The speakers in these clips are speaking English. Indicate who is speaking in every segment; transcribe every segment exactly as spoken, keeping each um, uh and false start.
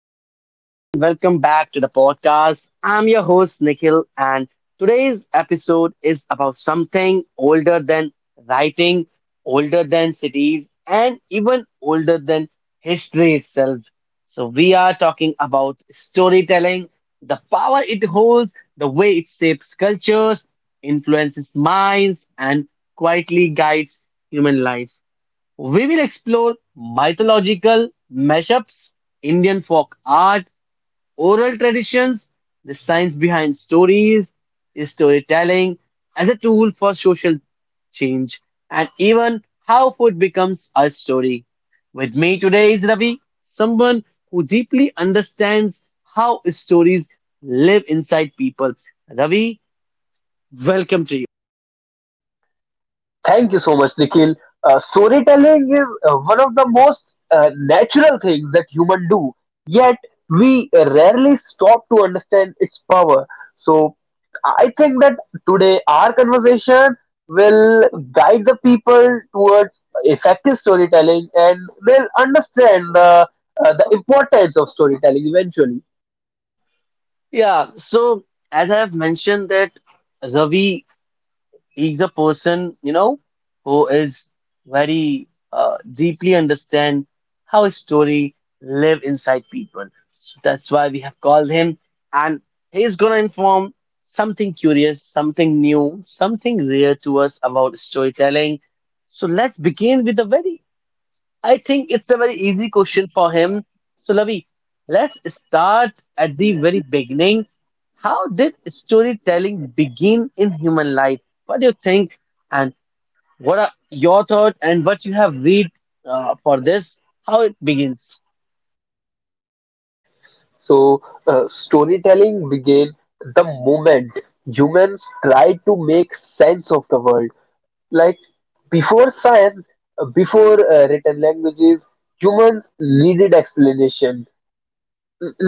Speaker 1: everyone, and welcome back to the podcast. I'm your host, Nikhil, and today's episode is about something older than writing, older than cities, and even older than history itself. So, we are talking about storytelling, the power it holds, the way it shapes cultures, influences minds, and quietly guides human life. We will explore mythological mashups, Indian folk art, oral traditions, the science behind stories, storytelling as a tool for social change, and even how food becomes a story. With me today is Ravi, someone who deeply understands how stories live inside people. Ravi, welcome to you.
Speaker 2: Thank you so much, Nikhil. Uh, storytelling is uh, one of the most uh, natural things that human do, yet we rarely stop to understand its power. So I think that today our conversation will guide the people towards effective storytelling and they'll understand the, uh, the importance of storytelling eventually.
Speaker 1: Yeah, so as I have mentioned that Ravi, he's a person, you know, who is very uh, deeply understand how a story live inside people. So that's why we have called him, and he's gonna inform something curious, something new, something rare to us about storytelling. So let's begin with a very, I think it's a very easy question for him. So, Lavi, let's start at the very beginning. How did storytelling begin in human life? What do you think? And what are your thoughts and what you have read uh, for this? How it begins?
Speaker 2: So, uh, storytelling began the moment humans tried to make sense of the world. Like before science, uh, before uh, written languages, humans needed explanation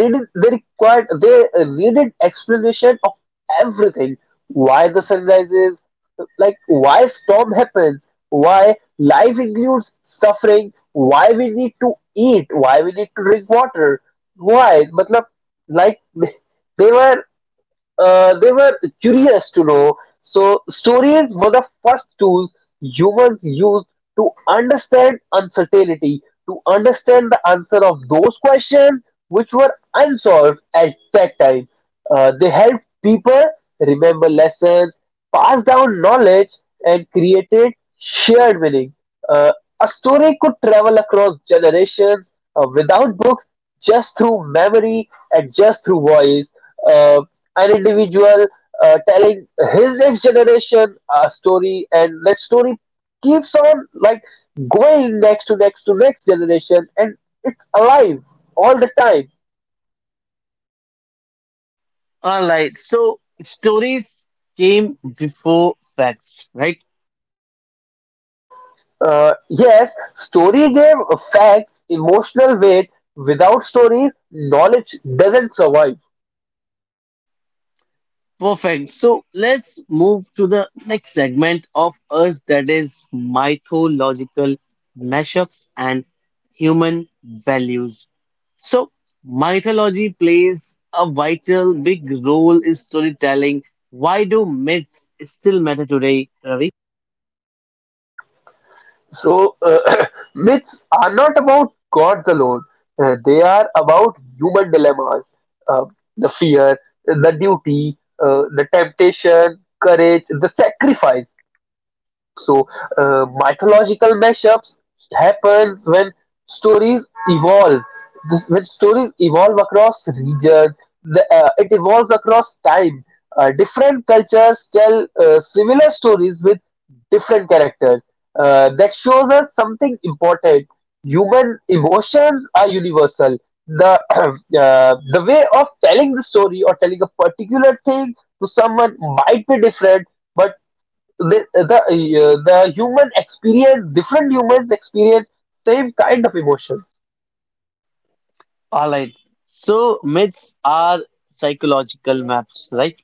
Speaker 2: needed they required they uh, needed explanation of everything, why the sun rises, like why storm happens, why life includes suffering, why we need to eat, why we need to drink water, why but like they were uh, they were curious to know. So, stories were the first tools humans used to understand uncertainty, to understand the answer of those questions which were unsolved at that time. Uh, they helped people remember lessons, pass down knowledge, and created shared meaning. Uh, a story could travel across generations uh, without books, just through memory and just through voice, uh, an individual uh, telling his next generation a story, and that story keeps on, like, going next to next to next generation, and it's alive all the time.
Speaker 1: All right. So, stories came before facts, right?
Speaker 2: Uh, yes, story gave facts emotional weight. Without stories, knowledge doesn't survive.
Speaker 1: Perfect. So let's move to the next segment of us that is mythological mashups and human values. So, mythology plays a vital big role in storytelling. Why do myths still matter today, Ravi?
Speaker 2: So, uh, Myths are not about gods alone. Uh, they are about human dilemmas, uh, the fear, the duty, uh, the temptation, courage, the sacrifice. So uh, mythological mashups happens when stories evolve. This- When stories evolve across regions, the, uh, it evolves across time. Uh, different cultures tell uh, similar stories with different characters. Uh, that shows us something important. Human emotions are universal. The uh, the way of telling the story or telling a particular thing to someone might be different, but the the, uh, the human experience different humans experience same kind of emotion.
Speaker 1: All right. So, myths are psychological maps, right?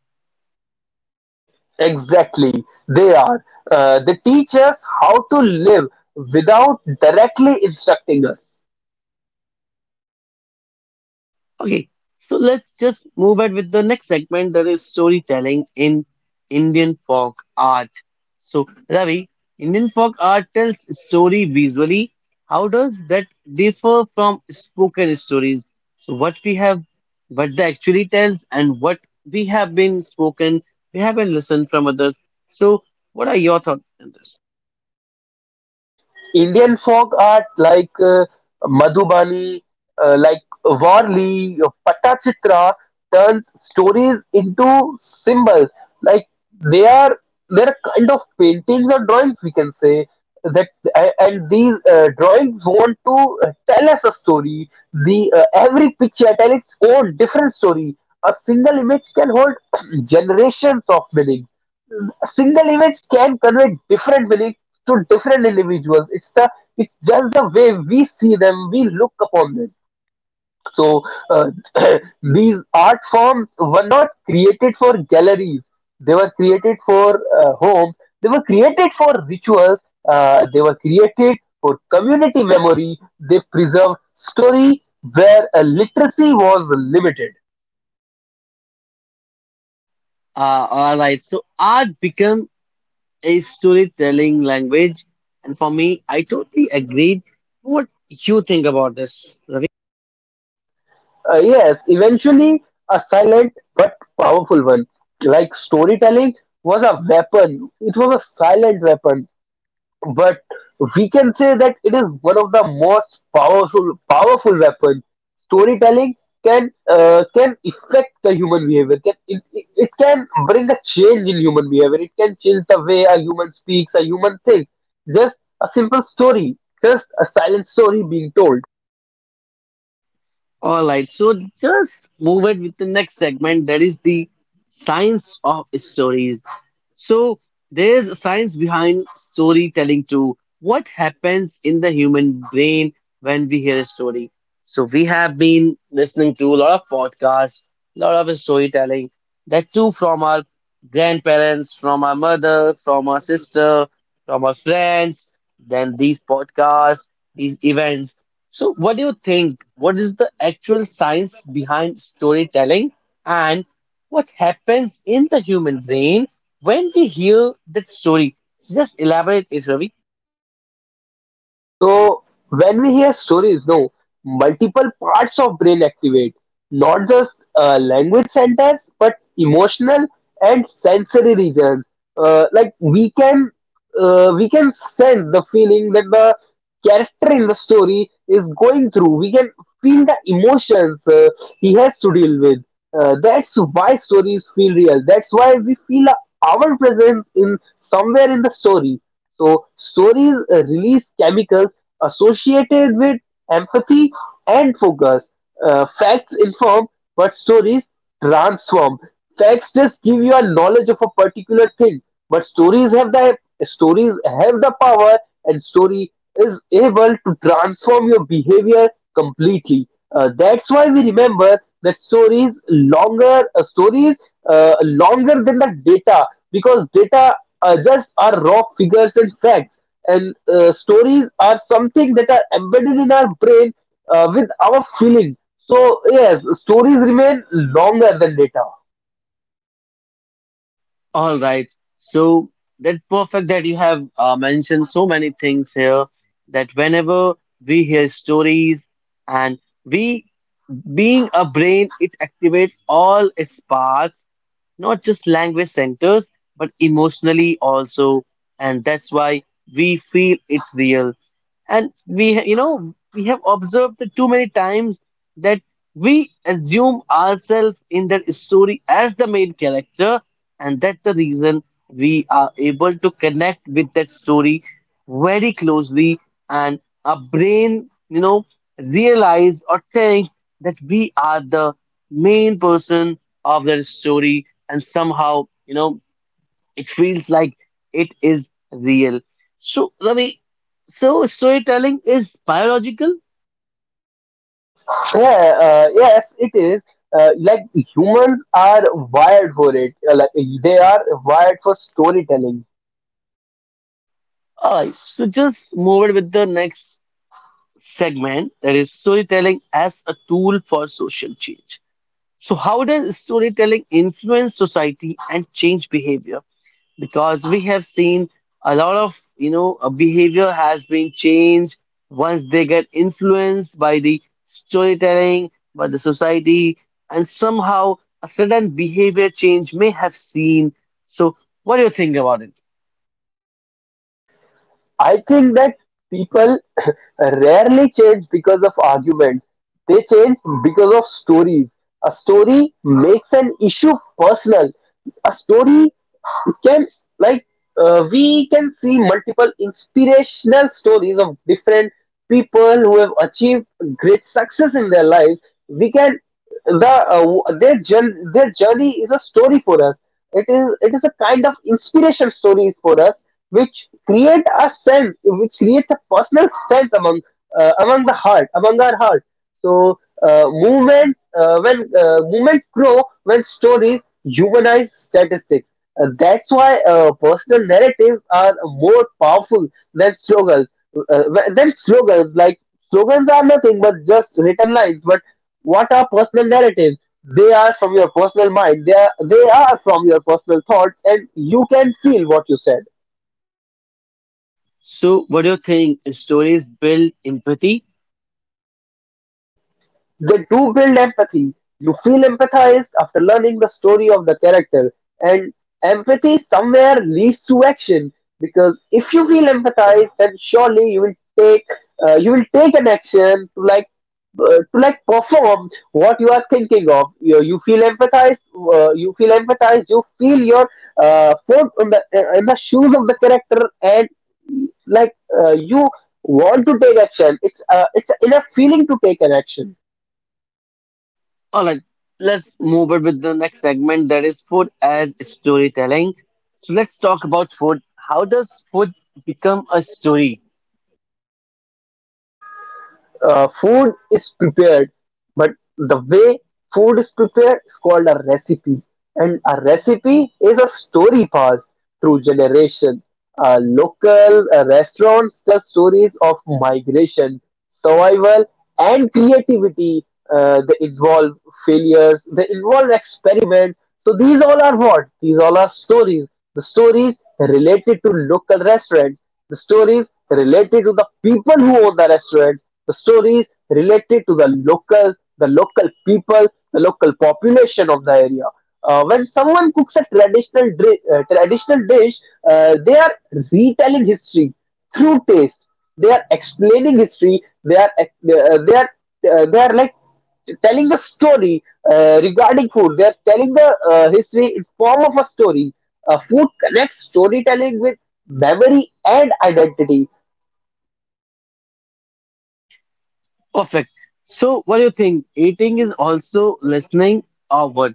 Speaker 2: Exactly, they are, uh, they teach us how to live without directly instructing us.
Speaker 1: Okay, so let's just move ahead with the next segment that is storytelling in Indian folk art. So, Ravi, Indian folk art tells story visually. How does that differ from spoken stories? So, what we have, what they actually tells, and what we have been spoken, we have been listened from others. So, what are your thoughts?
Speaker 2: Indian folk art, like uh, Madhubani, uh, like Varli, Patachitra, turns stories into symbols. Like they are, they're kind of paintings or drawings, we can say that, a- and these uh, drawings want to uh, tell us a story. The uh, Every picture tell its own different story. A single image can hold generations of meanings A single image can convey different meaning to different individuals. It's the it's just the way we see them, we look upon them. So uh, these art forms were not created for galleries. They were created for uh, home. They were created for rituals. Uh, they were created for community memory. They preserved story where uh, literacy was limited.
Speaker 1: Uh, all right, so art become a storytelling language. And for me, I totally agreed what you think about this, Ravi.
Speaker 2: Uh, yes, eventually, a silent but powerful one. Like storytelling was a weapon. It was a silent weapon, but we can say that it is one of the most powerful powerful weapon. Storytelling can, uh, can affect the human behavior. Can it, it, it can bring a change in human behavior. It can change the way a human speaks, a human thinks. Just a simple story, just a silent story being told.
Speaker 1: All right, so just move it with the next segment that is the science of stories. So there's science behind storytelling too. What happens in the human brain when we hear a story? So we have been listening to a lot of podcasts, a lot of storytelling, that too from our grandparents, from our mother, from our sister, from our friends, then these podcasts, these events. So what do you think? What is the actual science behind storytelling and what happens in the human brain when we hear that story, just elaborate it, Ravi.
Speaker 2: So when we hear stories, no, multiple parts of brain activate, not just uh, language centers, but emotional and sensory regions. Uh, like we can, uh, we can sense the feeling that the character in the story is going through. We can feel the emotions uh, he has to deal with. Uh, that's why stories feel real. That's why we feel, uh, our presence in somewhere in the story. So stories uh, release chemicals associated with empathy and focus. Uh, facts inform, but stories transform. Facts just give you a knowledge of a particular thing, but stories have the stories have the power, and story is able to transform your behavior completely. Uh, that's why we remember that stories longer, uh, stories uh, longer than the data, because data uh, just are raw figures and facts, and uh, stories are something that are embedded in our brain uh, with our feeling. So yes, stories remain longer than data.
Speaker 1: All right. So that perfect that you have uh, mentioned so many things here that whenever we hear stories and we being a brain, it activates all its parts, not just language centers but emotionally also, and that's why we feel it's real. And we ha- you know, we have observed it too many times that we assume ourselves in that story as the main character, and that's the reason we are able to connect with that story very closely. And our brain, you know, realize or thinks that we are the main person of that story, and somehow, you know, it feels like it is real. So Ravi, so storytelling is biological.
Speaker 2: Yeah. Uh, yes, it is. Uh, like humans are wired for it. Uh, like they are wired for storytelling.
Speaker 1: All right, so just move it with the next segment that is storytelling as a tool for social change. So how does storytelling influence society and change behavior? Because we have seen a lot of, you know, uh, behavior has been changed once they get influenced by the storytelling by the society, and somehow a sudden behavior change may have seen. So what do you think about it?
Speaker 2: I think that people rarely change because of arguments. They change because of stories. A story makes an issue personal. A story can, like, uh, we can see multiple inspirational stories of different people who have achieved great success in their life. We can the uh, w- Their journey, their journey is a story for us. It is it is a kind of inspiration stories for us, which create a sense which creates a personal sense among, uh, among the heart, among our heart. So uh, movements, uh, when uh, movements grow when stories humanize statistics. Uh, that's why uh, personal narratives are more powerful than slogans. Uh, than slogans, like slogans are nothing but just written lines. But what are personal narratives? They are from your personal mind. They are they are from your personal thoughts, and you can feel what you said.
Speaker 1: So what do you think, stories build empathy?
Speaker 2: They do build empathy. You feel empathized after learning the story of the character, and empathy somewhere leads to action, because if you feel empathized, then surely you will take, uh, you will take an action to, like, uh, to like perform what you are thinking of. You, you feel empathized. Uh, you feel empathized. You feel your uh, foot in the, uh, in the shoes of the character, and like, uh, you want to take action. It's uh, it's enough feeling to take an action.
Speaker 1: All right, let's move on with the next segment that is food as storytelling. So let's talk about food. How does food become a story?
Speaker 2: Uh, food is prepared, but the way food is prepared is called a recipe. And a recipe is a story passed through generations. Uh, local uh, restaurants tell stories of migration, survival, and creativity. Uh, they involve failures, they involve experiments. So these all are what? These all are stories. The stories related to local restaurants, the stories related to the people who own the restaurant, the stories related to the local, the local people, the local population of the area. Uh, when someone cooks a traditional dri- uh, traditional dish, uh, they are retelling history through taste. They are explaining history. They are ex- uh, they are uh, they are, like, telling the story uh, regarding food. They're telling the uh, history in form of a story. Uh, food connects storytelling with memory and identity.
Speaker 1: Perfect. So, what do you think? Eating is also listening or what?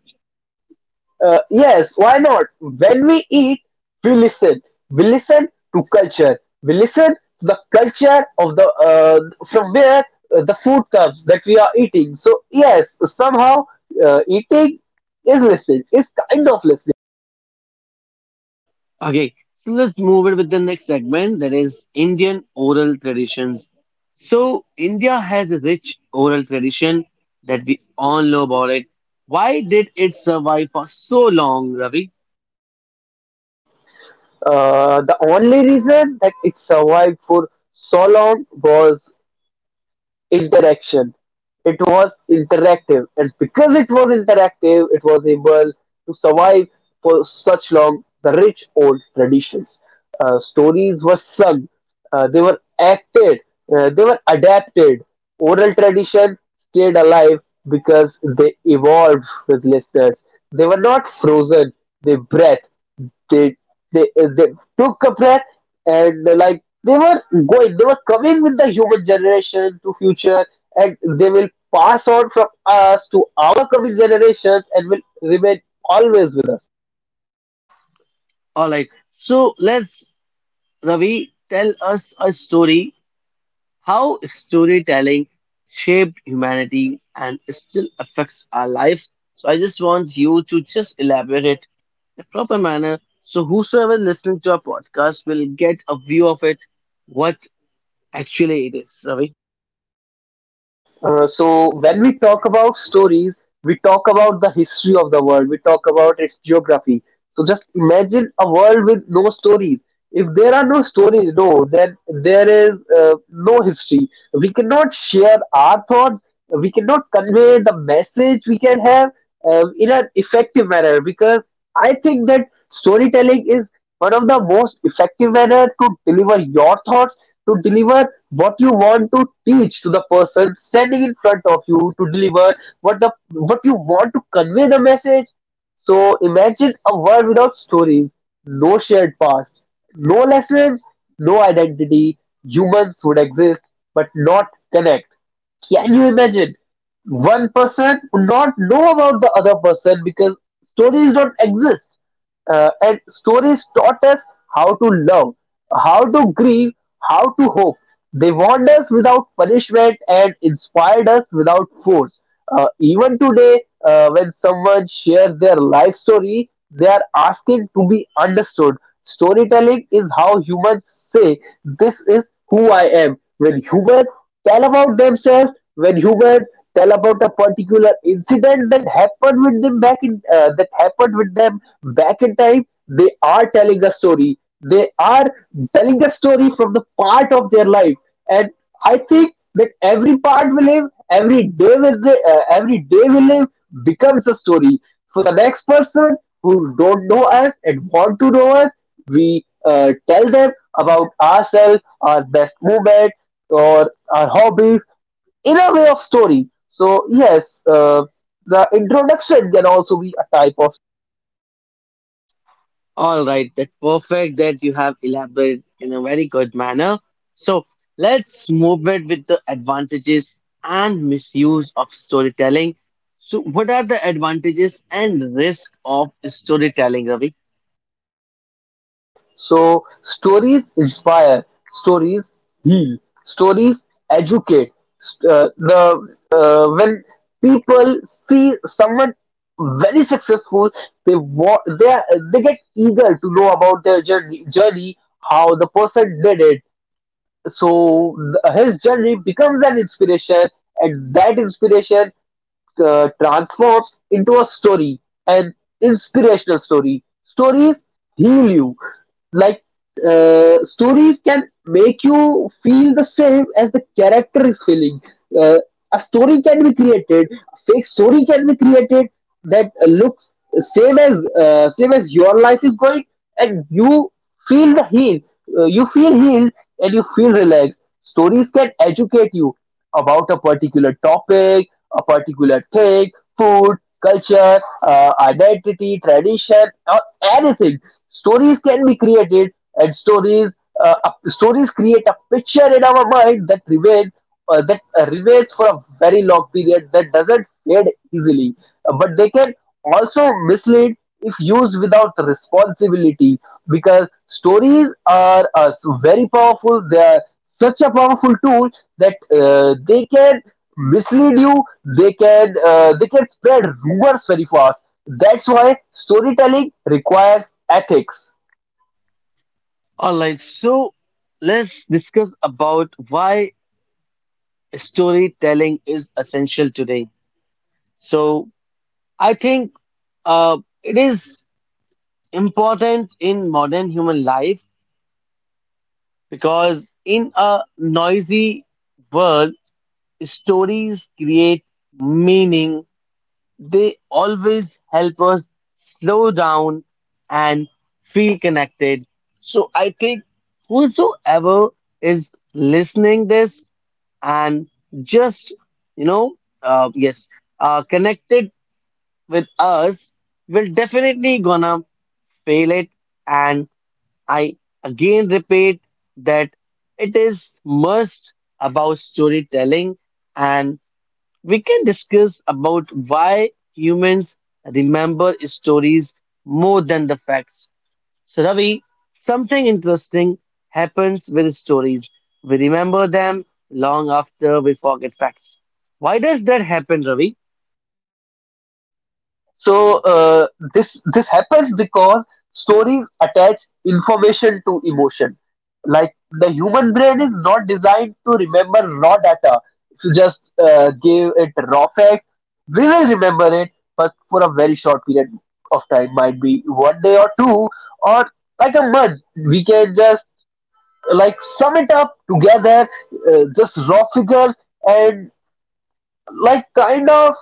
Speaker 2: Uh, yes, why not? When we eat, we listen. We listen to culture. We listen to the culture of the, uh, from where uh, the food comes that we are eating. So yes, somehow uh, eating is listening. Is kind of listening.
Speaker 1: Okay, so let's move it with the next segment that is Indian oral traditions. So, India has a rich oral tradition that we all know about it. Why did it survive for so long, Ravi?
Speaker 2: Uh, the only reason that it survived for so long was interaction. It was interactive, and because it was interactive, it was able to survive for such long. The rich old traditions, uh, stories were sung, uh, they were acted, uh, they were adapted. Oral tradition stayed alive because they evolved with listeners. They were not frozen. They breathed. They they, uh, they took a breath, and uh, like they were going, they were coming with the human generation to future, and they will pass on from us to our coming generations and will remain always with us.
Speaker 1: All right, so let's, Ravi, tell us a story. How storytelling shaped humanity and still affects our life. So I just want you to just elaborate it in a proper manner so whosoever listening to our podcast will get a view of it, what actually it is, Ravi.
Speaker 2: Uh, so when we talk about stories, we talk about the history of the world. We talk about its geography. So just imagine a world with no stories. If there are no stories, no, then there is uh, no history. We cannot share our thoughts. We cannot convey the message we can have uh, in an effective manner, because I think that storytelling is one of the most effective manner to deliver your thoughts, to deliver what you want to teach to the person standing in front of you, to deliver what the what you want to convey the message. So imagine a world without stories, no shared past, no lessons, no identity. Humans would exist but not connect. Can you imagine? One person would not know about the other person because stories don't exist. Uh, and stories taught us how to love, how to grieve, how to hope. They warned us without punishment and inspired us without force. Uh, even today, uh, when someone shares their life story, they are asking to be understood. Storytelling is how humans say, "This is who I am." When humans tell about themselves, when humans tell about a particular incident that happened with them back in uh, that happened with them back in time, they are telling a story. They are telling a story from the part of their life. And I think that every part we live every day we live, uh, every day we live becomes a story for the next person who don't know us and want to know us. We uh, tell them about ourselves, our best moment or our hobbies, in a way of story. So yes, uh, the introduction can also be a type of.
Speaker 1: All right, that's perfect that you have elaborated in a very good manner. So let's move it with the advantages and misuse of storytelling. So, what are the advantages and risk of storytelling, Ravi?
Speaker 2: So stories inspire, stories heal, stories educate. Uh, the uh, when people see someone very successful, they wa- they are, they get eager to know about their journey, journey how the person did it. So th- his journey becomes an inspiration, and that inspiration uh, transforms into a story, an inspirational story. Stories heal you. Like uh, stories can make you feel the same as the character is feeling. Uh, a story can be created, a fake story can be created that uh, looks same as uh, same as your life is going, and you feel the heal. Uh, you feel healed and you feel relaxed. Stories can educate you about a particular topic, a particular thing, food, culture, uh, identity, tradition, or anything. Stories can be created, and stories uh, up- stories create a picture in our mind that remains uh, that uh, remains for a very long period that doesn't fade easily. Uh, but they can also mislead if used without responsibility because stories are uh, very powerful. They are such a powerful tool that uh, they can mislead you. They can uh, they can spread rumors very fast. That's why storytelling requires ethics.
Speaker 1: All right, so let's discuss about why storytelling is essential today. So I think uh, it is important in modern human life because in a noisy world, stories create meaning. They always help us slow down and feel connected. So I think whosoever is listening this and just, you know, uh, yes, uh, connected with us will definitely gonna fail it. And I again repeat that it is must about storytelling. And we can discuss about why humans remember stories more than the facts. So, Ravi, something interesting happens with stories. We remember them long after we forget facts. Why does that happen, Ravi?
Speaker 2: So uh, this this happens because stories attach information to emotion. Like the human brain is not designed to remember raw data. If you just uh, give it raw facts, we will remember it, but for a very short period of time, might be one day or two, or like a month. We can just like sum it up together, uh, just raw figures, and like kind of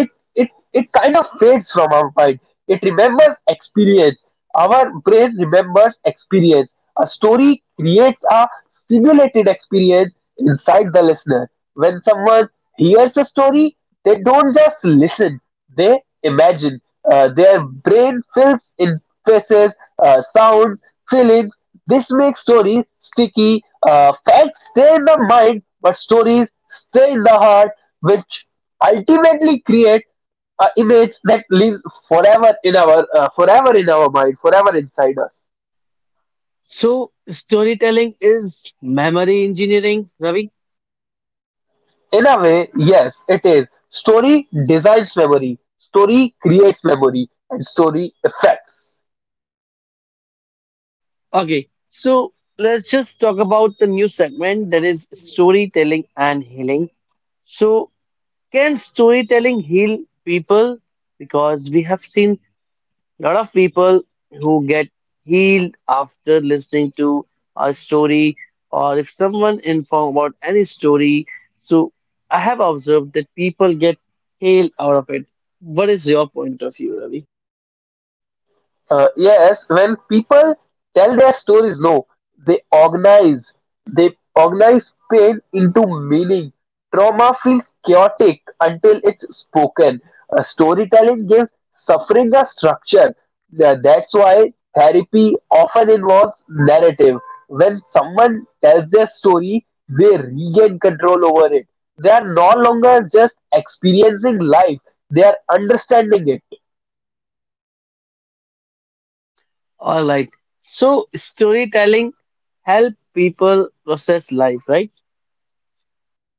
Speaker 2: it it it kind of fades from our mind. It remembers experience. Our brain remembers experience. A story creates a simulated experience inside the listener. When someone hears a story, they don't just listen, they imagine. Uh, their brain fills in faces, uh, sounds, feelings. This makes stories sticky. Uh, facts stay in the mind, but stories stay in the heart, which ultimately create an image that lives forever in our uh, forever in our mind, forever inside us.
Speaker 1: So, storytelling is memory engineering, Ravi?
Speaker 2: In a way, yes, it is. Story designs memory. Story creates memory, and story affects.
Speaker 1: Okay, so let's just talk about the new segment that is storytelling and healing. So, can storytelling heal people? Because we have seen a lot of people who get healed after listening to a story, or if someone inform about any story. So I have observed that people get healed out of it. What is your point of view, Ravi?
Speaker 2: Uh, yes, when people tell their stories, no, they organize. They organize pain into meaning. Trauma feels chaotic until it's spoken. Uh, storytelling gives suffering a structure. Uh, that's why therapy often involves narrative. When someone tells their story, they regain control over it. They are no longer just experiencing life, they are understanding it.
Speaker 1: All right. So storytelling help people process life, right?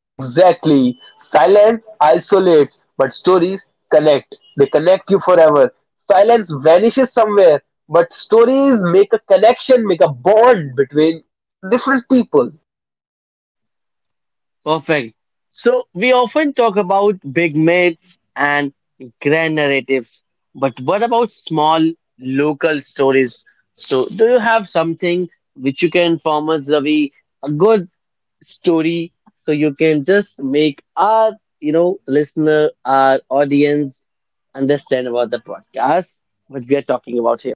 Speaker 2: Exactly. Silence isolates, but stories connect. They connect you forever. Silence vanishes somewhere, but stories make a connection, make a bond between different people.
Speaker 1: Perfect. So we often talk about big myths and grand narratives, but what about small local stories? So do you have something which you can inform us, Ravi, a good story so you can just make our, you know, listener, our audience understand about the podcast, what we are talking about here?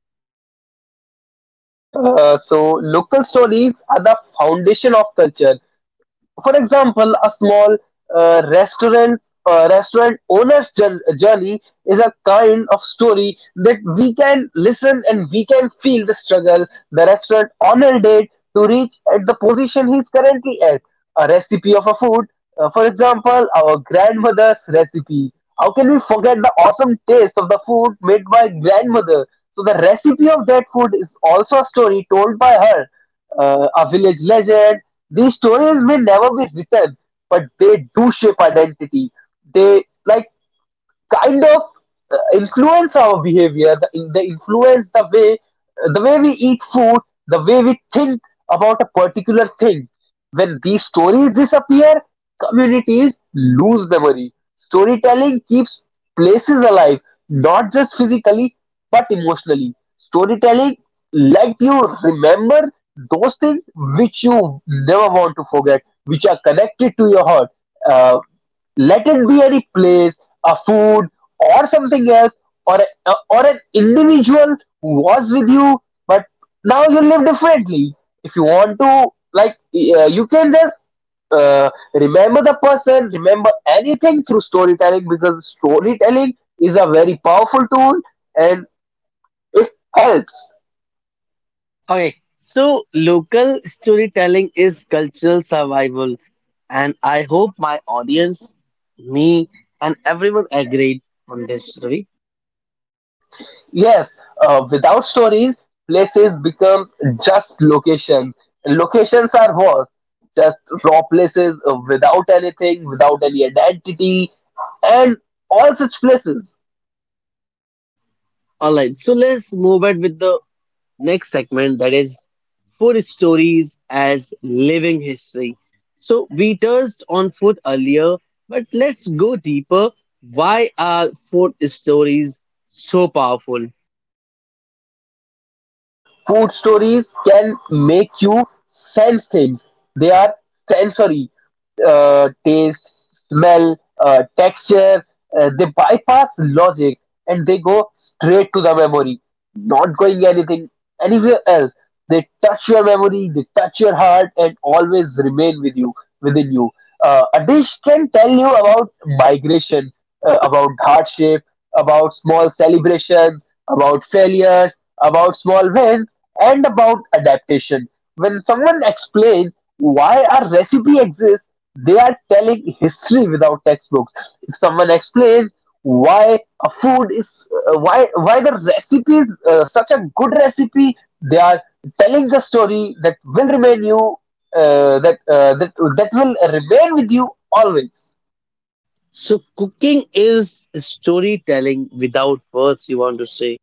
Speaker 2: Uh, so, local stories are the foundation of culture. For example, a small uh, restaurant uh, restaurant owner's journey is a kind of story that we can listen and we can feel the struggle the restaurant owner did to reach at the position he's currently at. A recipe of a food, uh, for example, our grandmother's recipe. How can we forget the awesome taste of the food made by grandmother? So the recipe of that food is also a story told by her, uh, a village legend. These stories may never be written, but they do shape identity. They like kind of uh, influence our behavior, the, in- they influence the way uh, the way we eat food, the way we think about a particular thing. When these stories disappear, communities lose memory. Storytelling keeps places alive, not just physically but emotionally. Storytelling let you remember those things which you never want to forget, which are connected to your heart. Uh, let it be any place, a food, or something else, or a, or an individual who was with you, but now you live differently. If you want to, like, uh, you can just uh, remember the person, remember anything through storytelling, because storytelling is a very powerful tool and it helps.
Speaker 1: Okay, so local storytelling is cultural survival, and I hope my audience, me, and everyone agreed on this, Ravi.
Speaker 2: Yes, uh, without stories, places become just locations. Locations are what? Just raw places uh, without anything, without any identity, and all such places.
Speaker 1: All right, so let's move ahead with the next segment that is food stories as living history. So we touched on food earlier, but let's go deeper. Why are food stories so powerful?
Speaker 2: Food stories can make you sense things. They are sensory, uh, taste, smell, uh, texture. Uh, they bypass logic and they go straight to the memory, not going anything anywhere else. They touch your memory, they touch your heart, and always remain with you, within you. Uh, a dish can tell you about migration, uh, about hardship, about small celebrations, about failures, about small wins, and about adaptation. When someone explains why a recipe exists, they are telling history without textbooks. If someone explains why a food is uh, why why the recipe is uh, such a good recipe, they are telling the story that will remain you uh, that uh, that that will remain with you always.
Speaker 1: So cooking is storytelling without words, you want to say.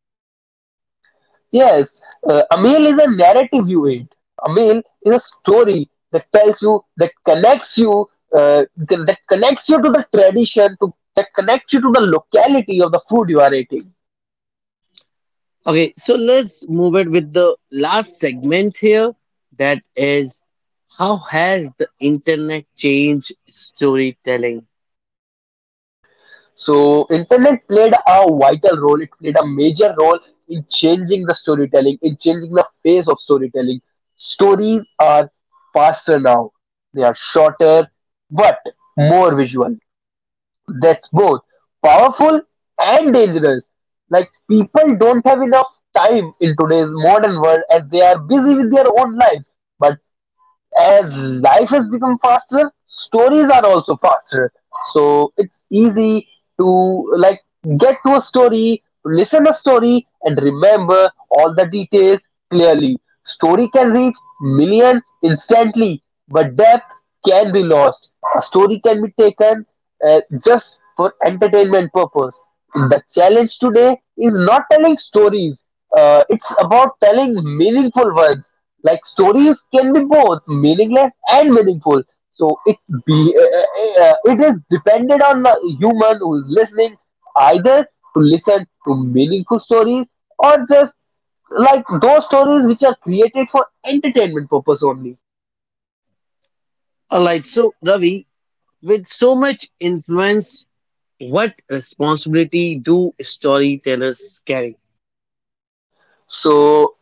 Speaker 2: Yes, uh, a meal is a narrative you eat. A meal is a story that tells you, that connects you, uh, that connects you to the tradition, to that connects you to the locality of the food you are eating.
Speaker 1: Okay, so let's move it with the last segment here. That is, how has the internet changed storytelling?
Speaker 2: So internet played a vital role. It played a major role in changing the storytelling, in changing the pace of storytelling. Stories are faster now. They are shorter, but more visual. That's both powerful and dangerous. Like people don't have enough time in today's modern world as they are busy with their own lives. But as life has become faster, stories are also faster. So it's easy to like get to a story, listen a story, and remember all the details clearly. Story can reach millions instantly, but depth can be lost. A story can be taken uh, just for entertainment purpose. The challenge today is not telling stories. Uh, it's about telling meaningful ones. Like stories can be both meaningless and meaningful. So it be uh, uh, uh, it is dependent on the human who is listening, either to listen to meaningful stories or just like those stories which are created for entertainment purpose only.
Speaker 1: Alright, so Ravi, with so much influence, what responsibility do storytellers carry?
Speaker 2: So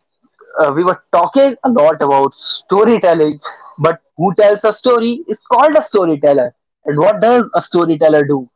Speaker 2: uh, we were talking a lot about storytelling, but who tells a story is called a storyteller. And what does a storyteller do?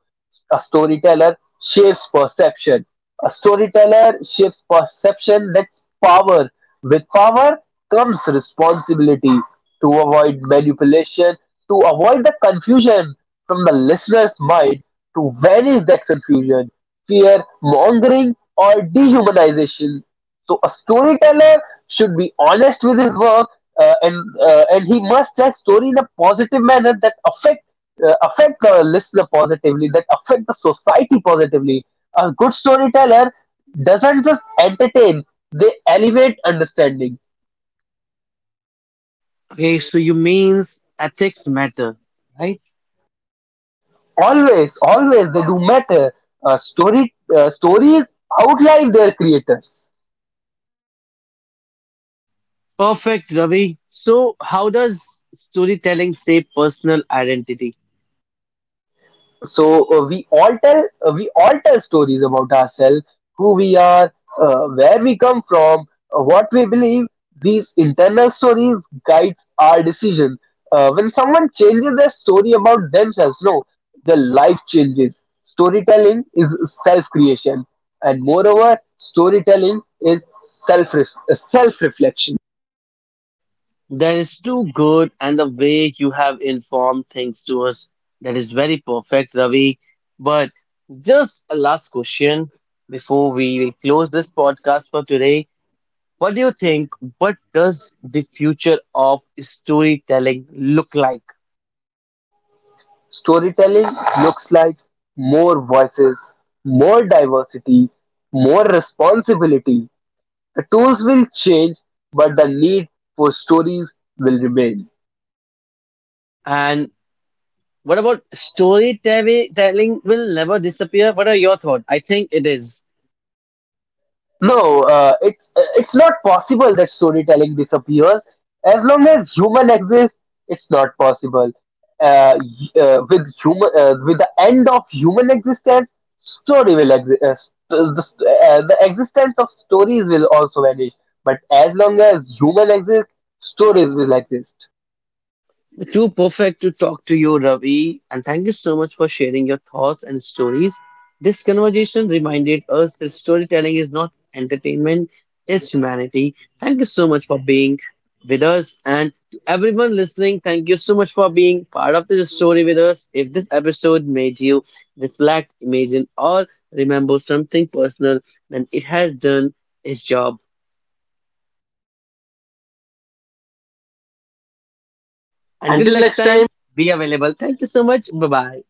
Speaker 2: A storyteller shapes perception. A storyteller shapes perception. That's power. With power comes responsibility to avoid manipulation, to avoid the confusion from the listener's mind, to vanish that confusion, fear mongering, or dehumanization. So a storyteller should be honest with his work, uh, and uh, and he must tell story in a positive manner that affect uh, affect the listener positively, that affect the society positively. A good storyteller doesn't just entertain; they elevate understanding.
Speaker 1: Okay, so you means ethics matter, right?
Speaker 2: Always, always they do matter. Uh, story uh, stories outline their creators.
Speaker 1: Perfect, Ravi. So how does storytelling shape personal identity?
Speaker 2: so uh, we all tell uh, we all tell stories about ourselves, who we are, uh, where we come from, uh, what we believe. These internal stories guide our decision. Uh, when someone changes their story about themselves, no, their life changes. Storytelling is self creation, and moreover storytelling is self self reflection.
Speaker 1: That is too good, and the way you have informed things to us, that is very perfect, Ravi. But just a last question before we will close this podcast for today. What do you think? What does the future of storytelling look like?
Speaker 2: Storytelling looks like more voices, more diversity, more responsibility. The tools will change, but the need for stories will remain.
Speaker 1: And what about storytelling will never disappear? What are your thoughts? I think it is.
Speaker 2: No, uh, it's uh, it's not possible that storytelling disappears. As long as human exists, it's not possible. Uh, y- uh, with human, uh, with the end of human existence, story will exist. Uh, st- the, st- uh, the existence of stories will also vanish. But as long as human exists, stories will exist.
Speaker 1: Too perfect to talk to you, Ravi, and thank you so much for sharing your thoughts and stories. This conversation reminded us that storytelling is not entertainment, it's humanity. Thank you so much for being with us. And to everyone listening, thank you so much for being part of this story with us. If this episode made you reflect, imagine, or remember something personal, then it has done its job. Until
Speaker 2: Until
Speaker 1: next
Speaker 2: next time.
Speaker 1: time, be available. Thank you so much. Bye bye.